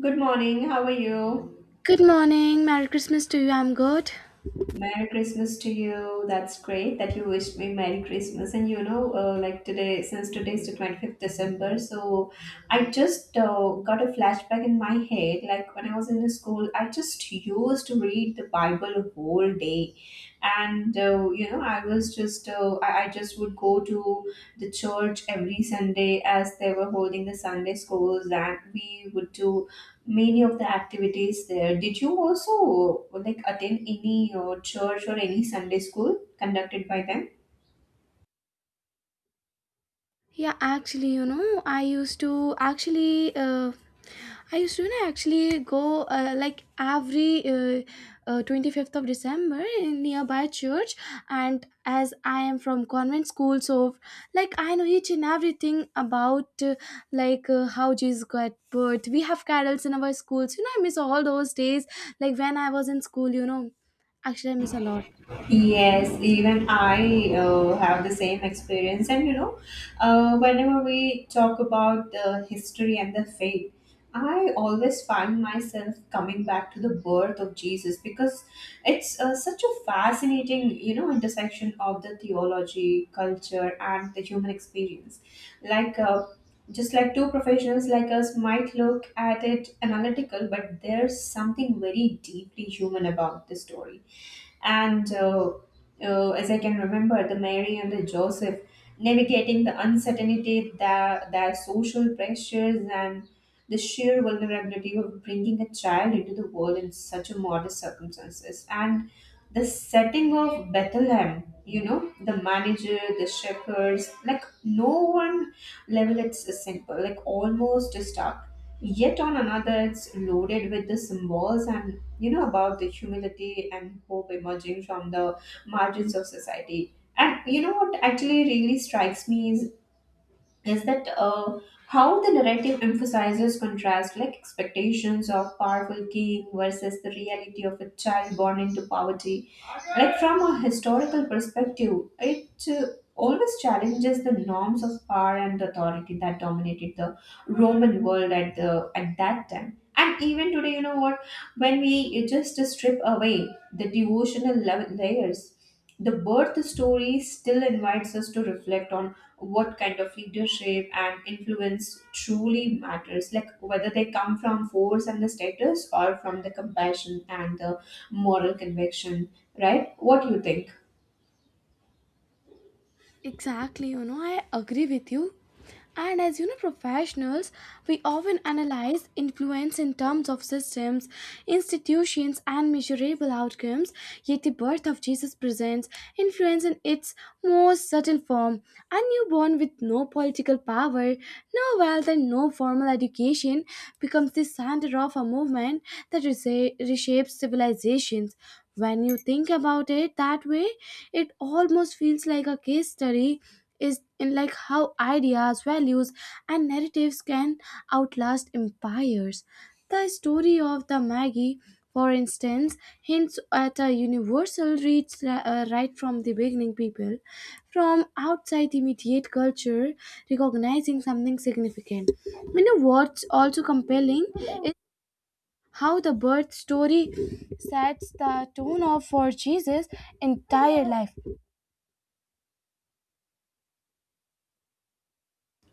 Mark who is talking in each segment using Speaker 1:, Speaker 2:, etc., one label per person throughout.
Speaker 1: Good morning. How are you?
Speaker 2: Good morning. Merry Christmas to you. I'm good.
Speaker 1: Merry Christmas to you. That's great that you wished me Merry Christmas. Like today, since today is the 25th of December, so I just got a flashback in my head. Like when I was in the school, I just used to read the Bible a whole day. And I just would go to the church every Sunday as they were holding the Sunday schools, and we would do many of the activities there. Did you also like attend any church or any Sunday school conducted by them?
Speaker 2: Yeah, actually, I used to actually, I used to actually go like every 25th of December in nearby church. And as I am from convent school, so like I know each and everything about like how Jesus got birth. We have carols in our schools. You know, I miss all those days. Like when I was in school, actually, I miss a lot.
Speaker 1: Yes, even I have the same experience. And whenever we talk about the history and the faith, I always find myself coming back to the birth of Jesus because it's such a fascinating intersection of the theology, culture, and the human experience. Like, just like two professionals like us might look at it analytical, but there's something very deeply human about the story. And as I can remember, the Mary and the Joseph navigating the uncertainty, their social pressures, and the sheer vulnerability of bringing a child into the world in such a modest circumstances. And the setting of Bethlehem, the manager, the shepherds, like no one level, it's simple, like almost stark. Yet on another, it's loaded with the symbols, and about the humility and hope emerging from the margins of society. And you know what actually really strikes me is that how the narrative emphasizes contrast, like expectations of powerful king versus the reality of a child born into poverty. Like from a historical perspective, it always challenges the norms of power and authority that dominated the Roman world at the at that time. And even today, you know what? When we just strip away the devotional layers, the birth story still invites us to reflect on what kind of leadership and influence truly matters, like whether they come from force and the status or from the compassion and the moral conviction, right? What do you think?
Speaker 2: Exactly, you know, I agree with you. And as you know, professionals, we often analyze influence in terms of systems, institutions, and measurable outcomes. Yet the birth of Jesus presents influence in its most subtle form. A newborn with no political power, no wealth, and no formal education becomes the center of a movement that reshapes civilizations. When you think about it that way, it almost feels like a case study is in like how ideas, values, and narratives can outlast empires. The story of the Maggie, for instance, hints at a universal reach right from the beginning. People from outside immediate culture recognizing something significant. You know what's also compelling is how the birth story sets the tone of for Jesus' entire life.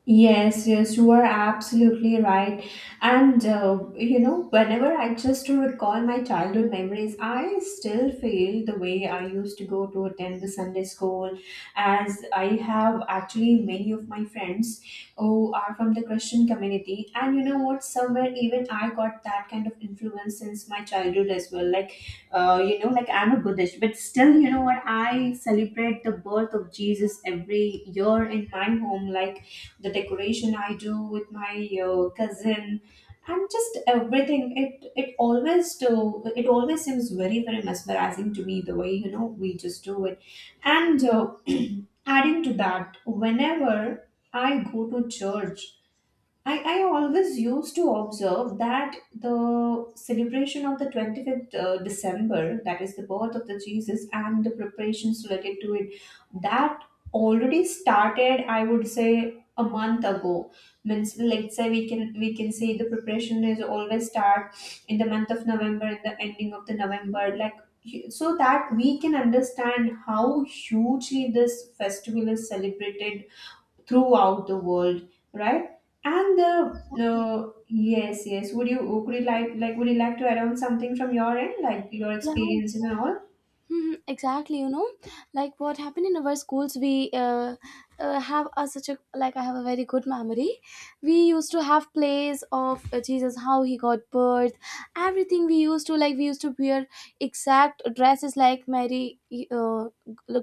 Speaker 1: Yes, yes, you are absolutely right. And whenever I just to recall my childhood memories, I still feel the way I used to go to attend the Sunday school, as I have actually many of my friends who are from the Christian community. And you know what? Somewhere even I got that kind of influence since my childhood as well. Like, like I'm a Buddhist, but still, you know what? I celebrate the birth of Jesus every year in my home, like the decoration I do with my cousin, and just everything. It always seems very very mesmerizing to me the way we just do it. And adding to that, whenever I go to church, I always used to observe that the celebration of the 25th December, that is the birth of the Jesus, and the preparations related to it, that already started, I would say, a month ago. Means let's say we can say the preparation is always start in the month of November, in the ending of the November, like, so that we can understand how hugely this festival is celebrated throughout the world, right? And the
Speaker 2: Exactly.
Speaker 1: Yes, yes. Would you like to add on something from your end, like your
Speaker 2: Yeah.
Speaker 1: experiences and all?
Speaker 2: Mhm, exactly, like what happened in our schools, we have such a, like I have a very good memory. We used to have plays of Jesus, how he got birth. Everything, we used to like we used to wear exact dresses like Mary, uh,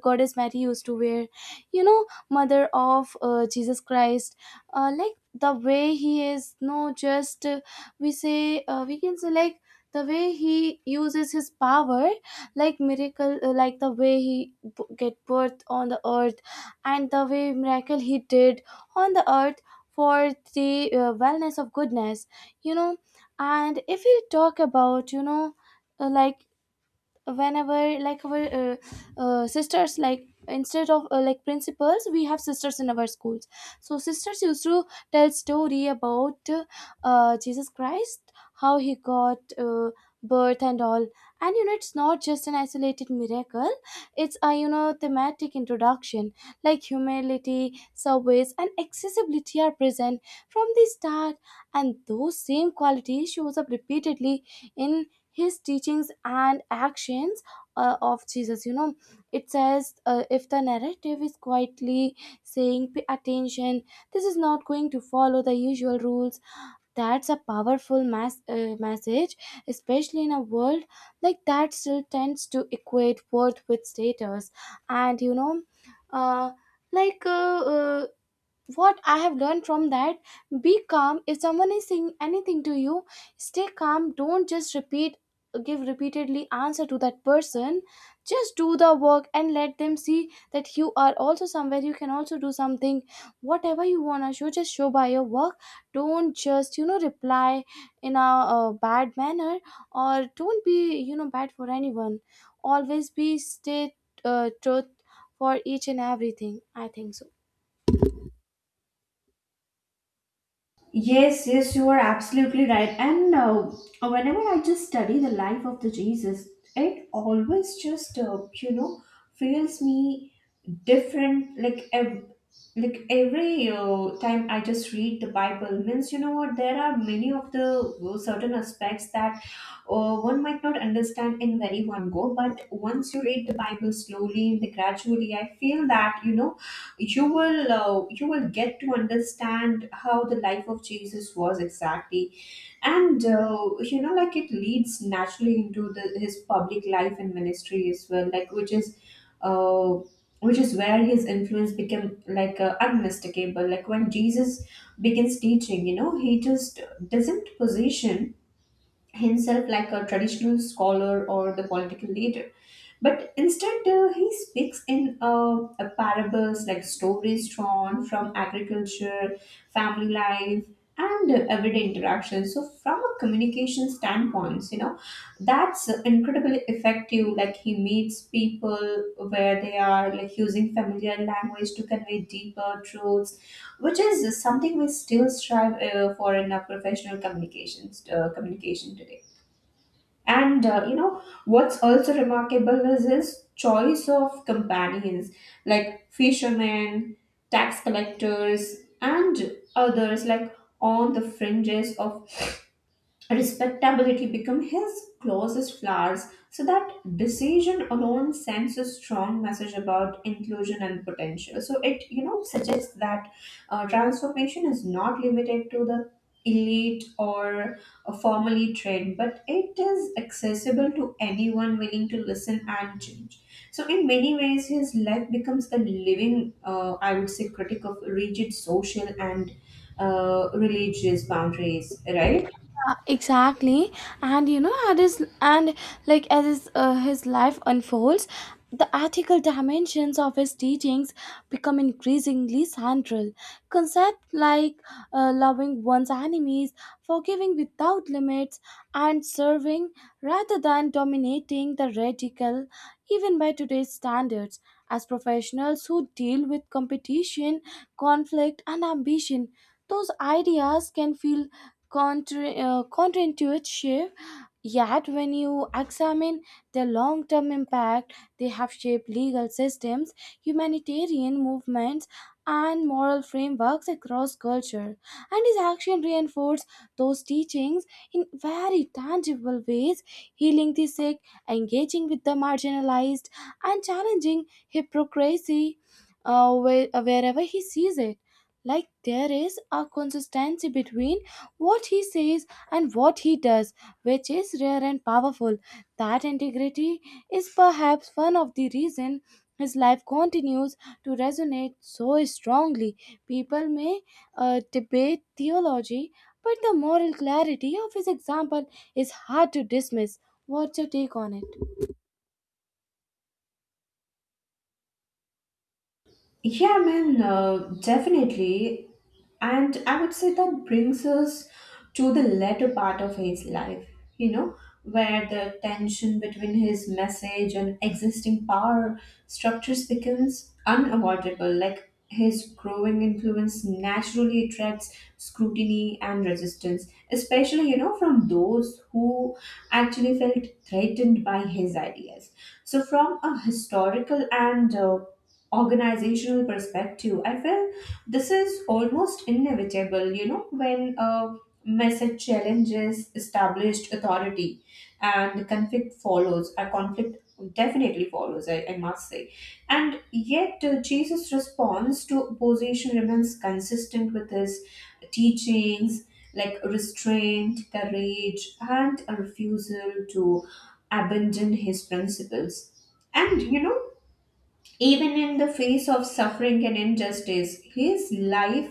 Speaker 2: goddess Mary used to wear, you know, mother of Jesus Christ, like the way he is. No just we say, we can say like the way he uses his power, like miracle, like the way he get birth on the earth and the way miracle he did on the earth for the wellness of goodness, you know. And if we talk about, like whenever like our sisters, like instead of like principals, we have sisters in our schools. So sisters used to tell story about Jesus Christ, how he got birth and all. And you know, it's not just an isolated miracle, it's, a you know, thematic introduction. Like humility, service, and accessibility are present from the start, and those same qualities shows up repeatedly in his teachings and actions of Jesus, you know. It says, if the narrative is quietly saying pay attention, this is not going to follow the usual rules. That's a powerful message, especially in a world like that still tends to equate worth with status. And you know, uh, like uh, uh, what I have learned from that, be calm. If someone is saying anything to you, stay calm. Don't just repeat, give repeatedly answer to that person. Just do the work and let them see that you are also somewhere. You can also do something, whatever you want to show. Just show by your work. Don't just, you know, reply in a, bad manner, or don't be, you know, bad for anyone. Always be stay truth for each and everything. I think so.
Speaker 1: Yes, yes, you are absolutely right. And whenever I just study the life of the Jesus, it always just feels me different. Like like every time I just read the Bible, means you know what, there are many of the certain aspects that one might not understand in very one go. But once you read the Bible slowly and gradually, I feel that you will get to understand how the life of Jesus was exactly. And like it leads naturally into his public life and ministry as well, like uh, which is where his influence became, like unmistakable. Like when Jesus begins teaching, he just doesn't position himself like a traditional scholar or the political leader. But instead, he speaks in a parables like stories drawn from agriculture, family life, and everyday interactions. So, from a communication standpoint, that's incredibly effective. Like, he meets people where they are, like, using familiar language to convey deeper truths, which is something we still strive for in our professional communication today. And you know what's also remarkable is his choice of companions, like fishermen, tax collectors, and others like on the fringes of respectability become his closest flowers, so that decision alone sends a strong message about inclusion and potential. So it suggests that transformation is not limited to the elite or formally trained, but it is accessible to anyone willing to listen and change. So in many ways, his life becomes a living, I would say, critic of rigid social and religious boundaries. Right.
Speaker 2: Exactly. And you know, as his, and like as his life unfolds, the ethical dimensions of his teachings become increasingly central. Concepts like loving one's enemies, forgiving without limits, and serving rather than dominating, the radical even by today's standards. As professionals who deal with competition, conflict, and ambition, those ideas can feel counterintuitive. Yet, when you examine the long term impact, they have shaped legal systems, humanitarian movements, and moral frameworks across culture. And his action reinforced those teachings in very tangible ways, healing the sick, engaging with the marginalized, and challenging hypocrisy wherever he sees it. Like there is a consistency between what he says and what he does, which is rare and powerful. That integrity is perhaps one of the reasons his life continues to resonate so strongly. People may debate theology, but the moral clarity of his example is hard to dismiss. What's your take on it?
Speaker 1: Yeah, man, definitely. And I would say that brings us to the latter part of his life, you know, where the tension between his message and existing power structures becomes unavoidable. Like his growing influence naturally attracts scrutiny and resistance, especially, from those who actually felt threatened by his ideas. So, from a historical and organizational perspective, I feel this is almost inevitable, when a message challenges established authority and conflict follows, a conflict definitely follows, I must say. And yet Jesus response to opposition remains consistent with his teachings, like restraint, courage, and a refusal to abandon his principles. And even in the face of suffering and injustice, his life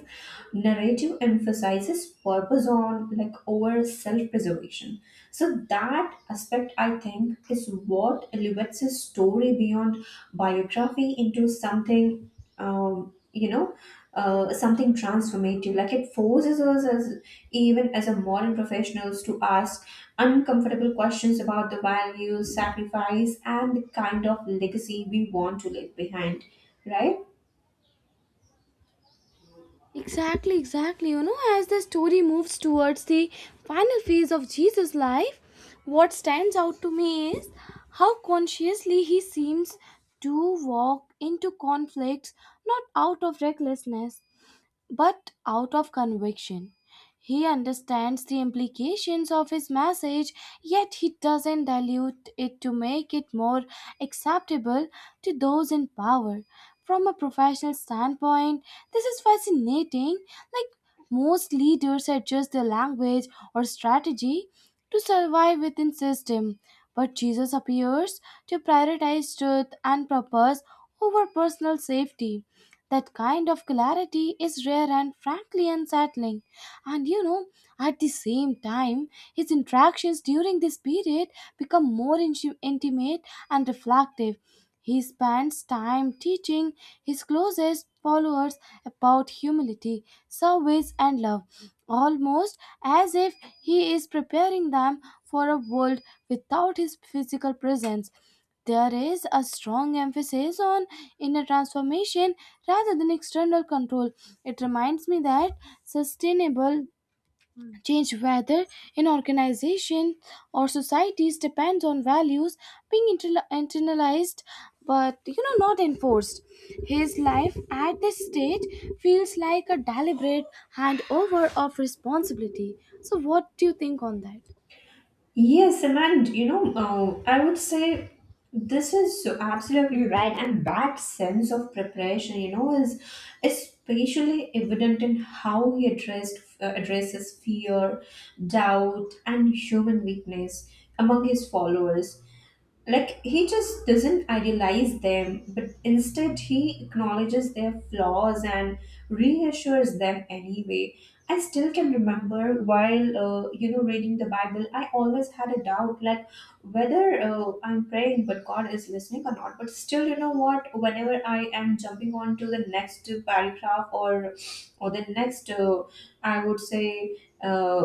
Speaker 1: narrative emphasizes purpose on, like, over self-preservation. So that aspect, I think, is what elevates his story beyond biography into something um, you know something transformative, like it forces us as even as a modern professionals to ask uncomfortable questions about the values sacrifice and the kind of legacy we want to leave behind, right?
Speaker 2: Exactly, exactly. You know, as the story moves towards the final phase of Jesus' life, what stands out to me is how consciously he seems to walk into conflicts, not out of recklessness but out of conviction. He understands the implications of his message, yet he doesn't dilute it to make it more acceptable to those in power. From a professional standpoint, this is fascinating. Like most leaders adjust their language or strategy to survive within system, but Jesus appears to prioritize truth and purpose over personal safety. That kind of clarity is rare and frankly unsettling. And you know, at the same time, his interactions during this period become more intimate and reflective. He spends time teaching his closest followers about humility, service, and love, almost as if he is preparing them for a world without his physical presence. There is a strong emphasis on inner transformation rather than external control. It reminds me that sustainable change, whether in organization or societies, depends on values being internalized, but you know, not enforced. His life at this stage feels like a deliberate handover of responsibility. So, what do you think on that?
Speaker 1: Yes, and I would say this is absolutely right, and that sense of preparation, is especially evident in how he addressed addresses fear, doubt, and human weakness among his followers. Like he just doesn't idealize them, but instead he acknowledges their flaws and reassures them anyway. I still can remember while reading the Bible I always had a doubt like whether I'm praying but God is listening or not. But still, you know what, whenever I am jumping on to the next paragraph or the next I would say uh,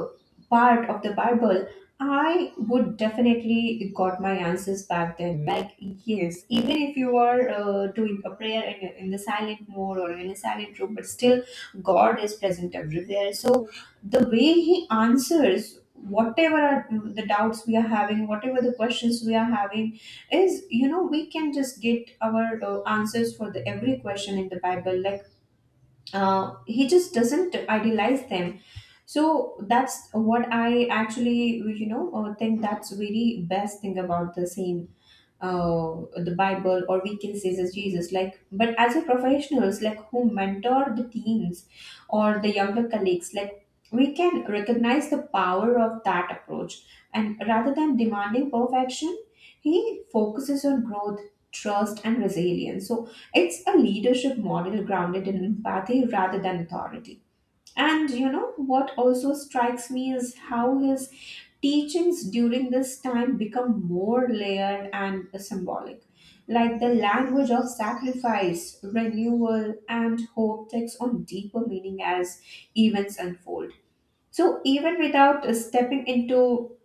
Speaker 1: part of the Bible, I would definitely got my answers back then. Like, yes, even if you are doing a prayer in the silent mode or in a silent room, but still God is present everywhere. So the way He answers whatever are the doubts we are having, whatever the questions we are having, is, we can just get our answers for the every question in the Bible. Like, He just doesn't idealize them. So that's what I actually think that's very best thing about the same, the Bible, or we can say as Jesus. Like, but as a professionals, like who mentor the teens or the younger colleagues, like we can recognize the power of that approach. And rather than demanding perfection, he focuses on growth, trust, and resilience. So it's a leadership model grounded in empathy rather than authority. And you know what also strikes me is how his teachings during this time become more layered and symbolic. Like the language of sacrifice, renewal, and hope takes on deeper meaning as events unfold. So, even without stepping into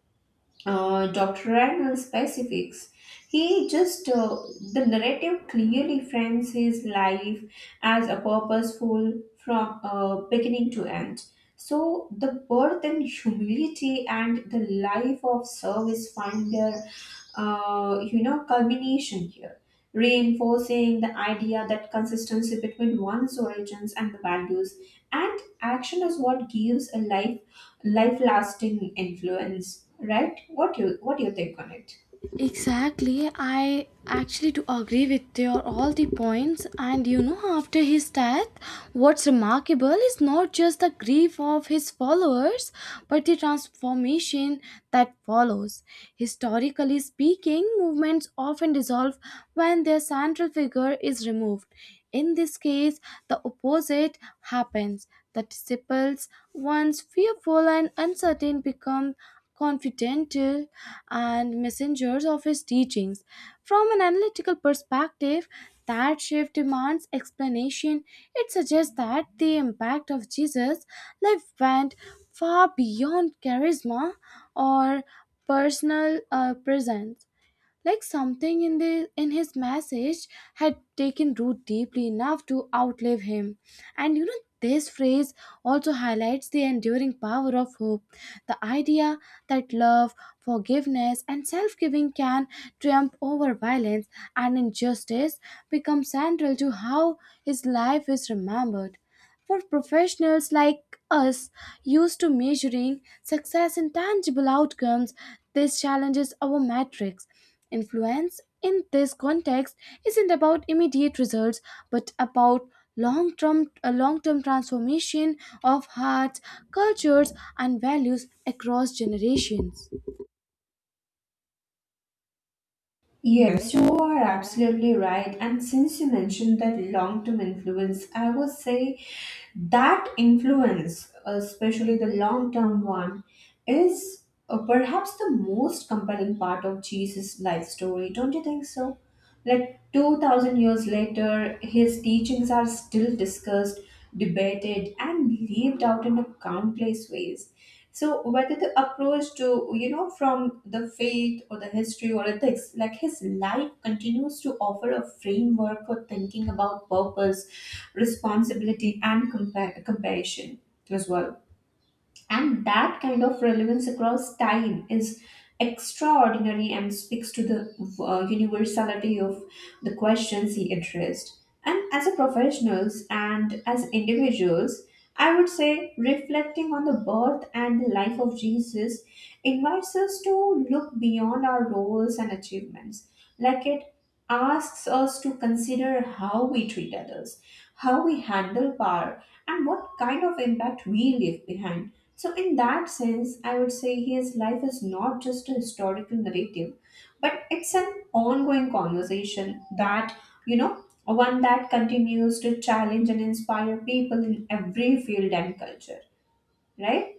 Speaker 1: Dr. specifics. He just, uh, the narrative clearly frames his life as a purposeful from beginning to end. So the birth and humility and the life of service find their culmination here, reinforcing the idea that consistency between one's origins and the values and action is what gives a life lasting influence, right? What do you think on it?
Speaker 2: Exactly. I actually do agree with your all the points. And you know, after his death, what's remarkable is not just the grief of his followers, but the transformation that follows. Historically speaking, movements often dissolve when their central figure is removed. In this case, the opposite happens. The disciples, once fearful and uncertain, become confidential, and messengers of his teachings. From an analytical perspective, that shift demands explanation. It suggests that the impact of Jesus' life went far beyond charisma or personal presence, like something in the in his message had taken root deeply enough to outlive him. And you know, this phrase also highlights the enduring power of hope. The idea that love, forgiveness, and self-giving can triumph over violence and injustice becomes central to how his life is remembered. For professionals like us, used to measuring success in tangible outcomes, this challenges our metrics. Influence in this context isn't about immediate results, but about a long-term transformation of hearts, cultures, and values across generations.
Speaker 1: Yes, yes, you are absolutely right. Right. And since you mentioned that long term influence, I would say that influence, especially the long term one, is perhaps the most compelling part of Jesus' life story. Don't you think so? Like 2000 years later, his teachings are still discussed, debated, and lived out in a countless ways. So whether the approach to from the faith or the history or ethics, like his life continues to offer a framework for thinking about purpose, responsibility, and compassion as well, and that kind of relevance across time is extraordinary and speaks to the universality of the questions he addressed. And as a professionals and as individuals, I would say reflecting on the birth and the life of Jesus invites us to look beyond our roles and achievements. Like it asks us to consider how we treat others, how we handle power, and what kind of impact we leave behind. So, in that sense, I would say his life is not just a historical narrative, but it's an ongoing conversation that, one that continues to challenge and inspire people in every field and culture, right?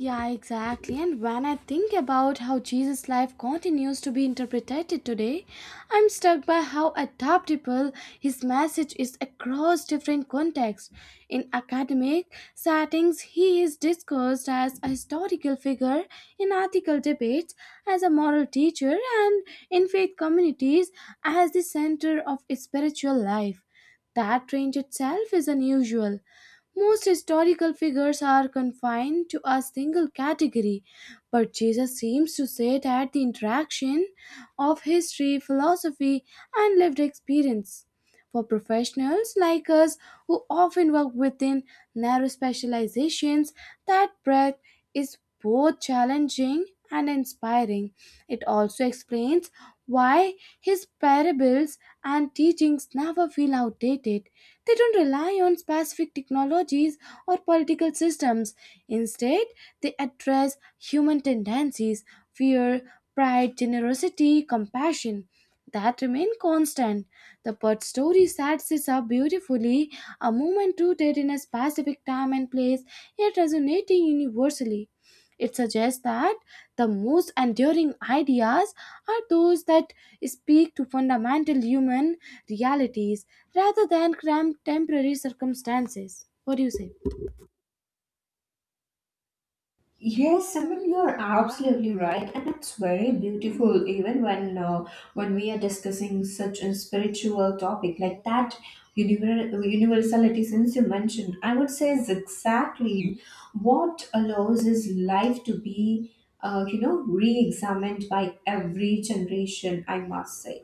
Speaker 2: Yeah, exactly. And when I think about how Jesus' life continues to be interpreted today, I'm struck by how adaptable his message is across different contexts. In academic settings, he is discussed as a historical figure, in ethical debates, as a moral teacher, and in faith communities, as the center of spiritual life. That range itself is unusual. Most historical figures are confined to a single category, but Jesus seems to sit at the interaction of history, philosophy, and lived experience. For professionals like us who often work within narrow specializations, that breadth is both challenging and inspiring. It also explains why his parables and teachings never feel outdated. They don't rely on specific technologies or political systems. Instead, they address human tendencies, fear, pride, generosity, compassion, that remain constant. The Pud story sets this up beautifully, a moment rooted in a specific time and place, yet resonating universally. It suggests that the most enduring ideas are those that speak to fundamental human realities rather than cramped temporary circumstances. What do you say?
Speaker 1: Yes, I mean you're absolutely right, and it's very beautiful. Even when when we are discussing such a spiritual topic like that, universality, since you mentioned, I would say is exactly what allows his life to be, re-examined by every generation. I must say.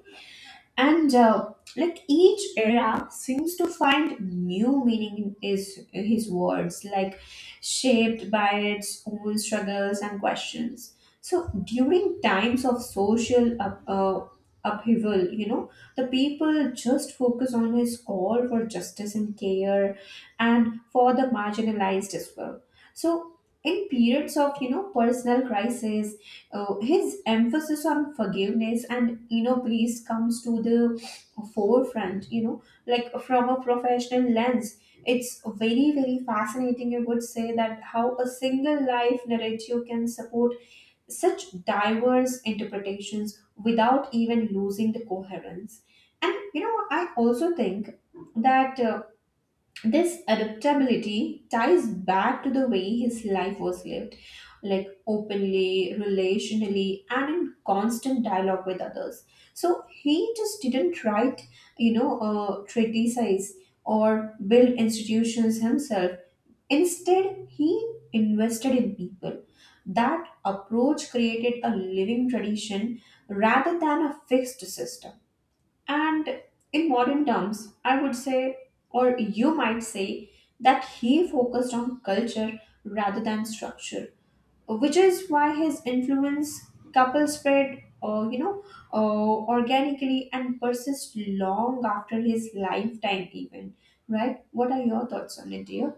Speaker 1: And like each era seems to find new meaning in his words, like shaped by its own struggles and questions. So during times of social upheaval, you know, the people just focus on his call for justice and care and for the marginalized as well. So in periods of, you know, personal crisis, his emphasis on forgiveness and inner peace comes to the forefront, you know. Like from a professional lens, it's very, very fascinating, I would say, that how a single life narrative can support such diverse interpretations without even losing the coherence. And you know, I also think that this adaptability ties back to the way his life was lived, like openly, relationally, and in constant dialogue with others. So he just didn't write, treatise or build institutions himself. Instead, he invested in people. That approach created a living tradition rather than a fixed system. And in modern terms, I would say, or you might say, that he focused on culture rather than structure, which is why his influence couple spread, organically, and persists long after his lifetime, even. Right? What are your thoughts on it, dear?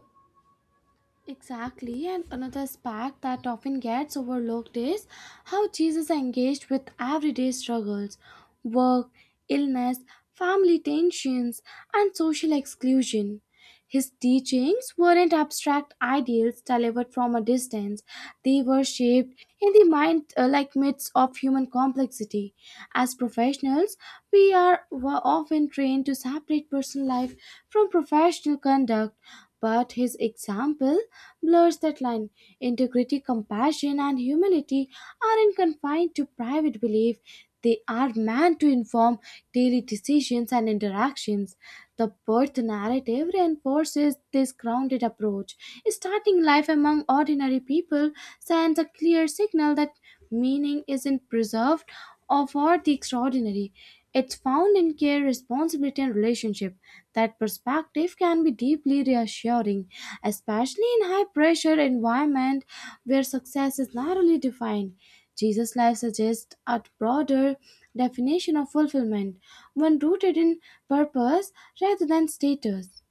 Speaker 2: Exactly, and another aspect that often gets overlooked is how Jesus engaged with everyday struggles, work, illness, family tensions, and social exclusion. His teachings weren't abstract ideals delivered from a distance. They were shaped in the mind like myths of human complexity. As professionals, we are were often trained to separate personal life from professional conduct, but his example blurs that line. Integrity, compassion, and humility aren't confined to private belief, they are meant to inform daily decisions and interactions. The birth narrative reinforces this grounded approach. Starting life among ordinary people sends a clear signal that meaning isn't preserved or for the extraordinary. It's found in care, responsibility, and relationship. That perspective can be deeply reassuring, especially in high pressure environment where success is narrowly defined. Jesus' life suggests a broader definition of fulfillment, one rooted in purpose rather than status.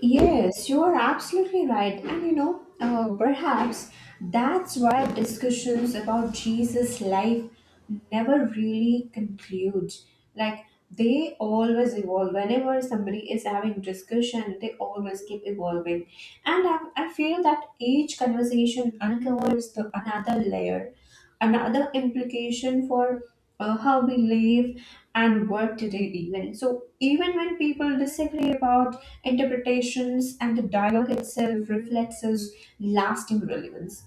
Speaker 1: Yes, you are absolutely right. And you know, perhaps that's why discussions about Jesus' life never really conclude. Like, they always evolve. Whenever somebody is having discussion, they always keep evolving. And I feel that each conversation uncovers the, another layer, another implication for how we live and work today even. So even when people disagree about interpretations, and the dialogue itself reflects its lasting relevance.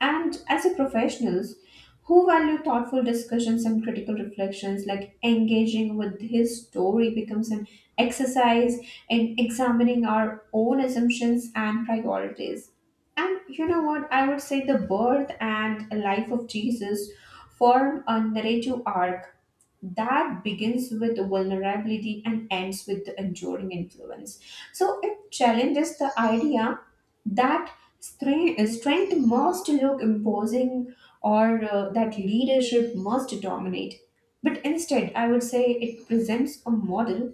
Speaker 1: And as a professionals who value thoughtful discussions and critical reflections, like engaging with his story becomes an exercise in examining our own assumptions and priorities. And you know what? I would say the birth and life of Jesus form a narrative arc that begins with vulnerability and ends with the enduring influence. So it challenges the idea that strength must look imposing or that leadership must dominate. But instead, I would say it presents a model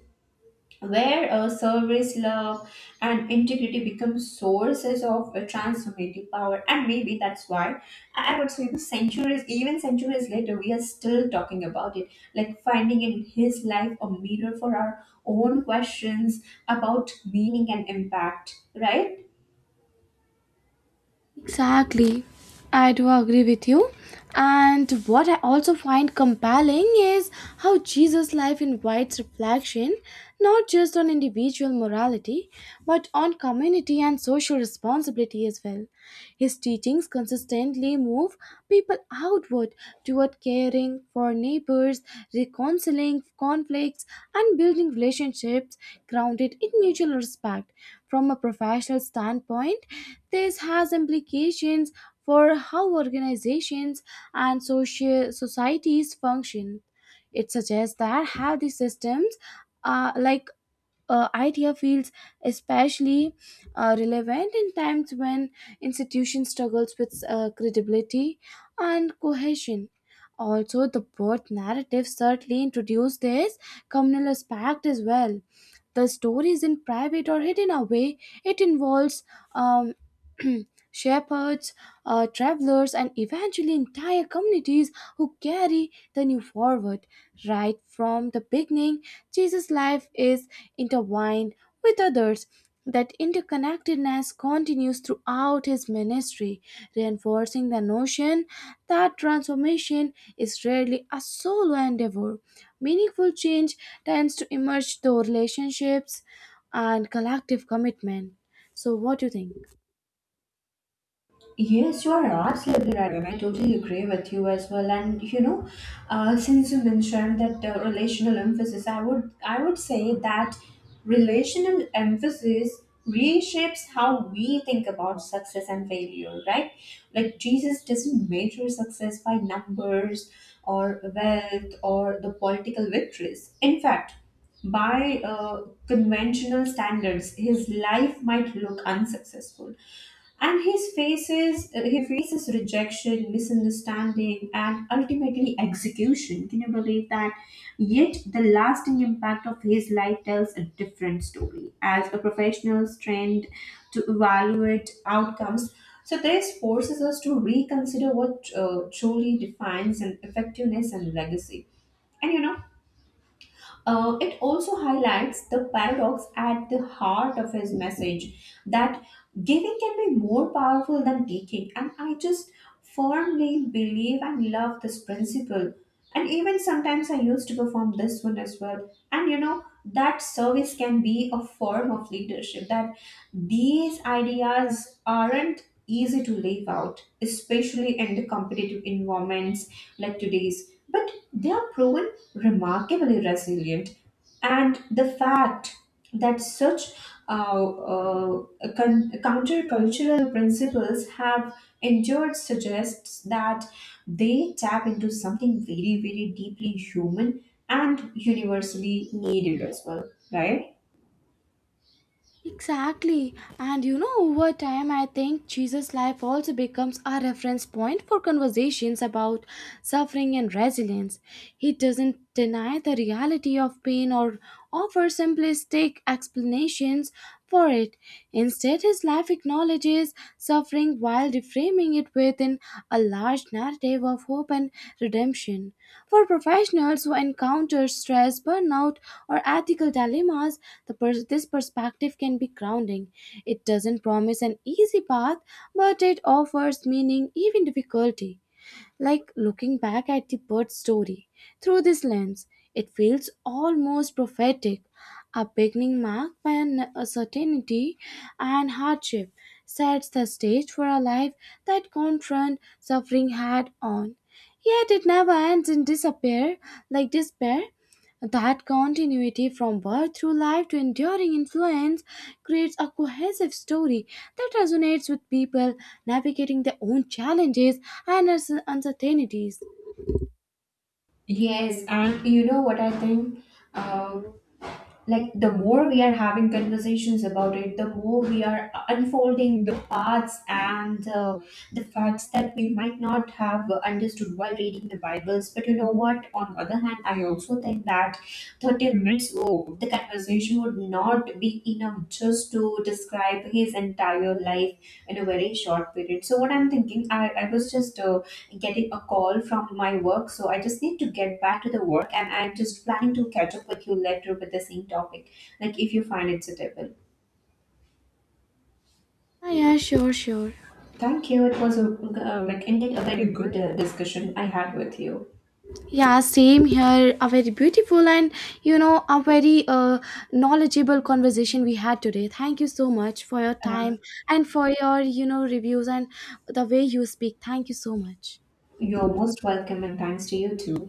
Speaker 1: where service, love, and integrity become sources of transformative power. And maybe that's why I would say the centuries, even centuries later, we are still talking about it, like finding in his life a mirror for our own questions about meaning and impact, right?
Speaker 2: Exactly. I do agree with you. And what I also find compelling is how Jesus' life invites reflection not just on individual morality, but on community and social responsibility as well. His teachings consistently move people outward toward caring for neighbors, reconciling conflicts, and building relationships grounded in mutual respect. From a professional standpoint, this has implications for how organizations and social societies function. It suggests that healthy systems, uh, like idea feels especially relevant in times when institution struggles with credibility and cohesion. Also, the birth narrative certainly introduced this communal aspect as well. The story is in private or hidden away. It involves um, shepherds, travelers, and eventually entire communities who carry the new forward. Right from the beginning, Jesus' life is intertwined with others. That interconnectedness continues throughout his ministry, reinforcing the notion that transformation is rarely a solo endeavor. Meaningful change tends to emerge through relationships and collective commitment. So, what do you think?
Speaker 1: Yes, you are absolutely right, and I totally agree with you as well. And you know, since you mentioned that relational emphasis, I would say that relational emphasis reshapes how we think about success and failure, right? Like Jesus doesn't measure success by numbers or wealth or the political victories. In fact. By conventional standards, his life might look unsuccessful, and his faces he faces rejection, misunderstanding, and ultimately execution. Can you believe that? Yet the lasting impact of his life tells a different story. As a professional trained to evaluate outcomes, so this forces us to reconsider what truly defines an effectiveness and legacy. And you know, it also highlights the paradox at the heart of his message, that giving can be more powerful than taking. And I just firmly believe and love this principle. And even sometimes I used to perform this one as well. And you know, that service can be a form of leadership, that these ideas aren't easy to live out, especially in the competitive environments like today's. But they are proven remarkably resilient, and the fact that such uh, uh, countercultural principles have endured suggests that they tap into something very, very deeply human and universally needed as well, right?
Speaker 2: Exactly. And you know, over time, I think Jesus' life also becomes a reference point for conversations about suffering and resilience. He doesn't deny the reality of pain or offer simplistic explanations for it. Instead, his life acknowledges suffering while reframing it within a large narrative of hope and redemption. For professionals who encounter stress, burnout, or ethical dilemmas, this perspective can be grounding. It doesn't promise an easy path, but it offers meaning even difficulty. Like looking back at the bird's story through this lens, it feels almost prophetic, a beginning marked by an uncertainty and hardship sets the stage for a life that confront suffering head on. Yet it never ends in disappear, like despair. That continuity from birth through life to enduring influence creates a cohesive story that resonates with people navigating their own challenges and uncertainties.
Speaker 1: Yes. And you know what I think? Uh, like the more we are having conversations about it, the more we are unfolding the paths and the facts that we might not have understood while reading the bibles. But you know what, on the other hand, I also think that 30 minutes old, the conversation would not be enough just to describe his entire life in a very short period. So, what I'm thinking, I was just getting a call from my work, so I just need to get back to the work, and I'm just planning to catch up with you later with the same topic, like if you find it suitable.
Speaker 2: Ah, yeah, sure, sure.
Speaker 1: Thank you. It was a, like indeed a very good discussion I had with you.
Speaker 2: Yeah, same here. A very beautiful and, you know, a very knowledgeable conversation we had today. Thank you so much for your
Speaker 1: Uh,
Speaker 2: time, and for your, you know, reviews and the way you speak. Thank you so much.
Speaker 1: you're most welcome, and thanks to you too.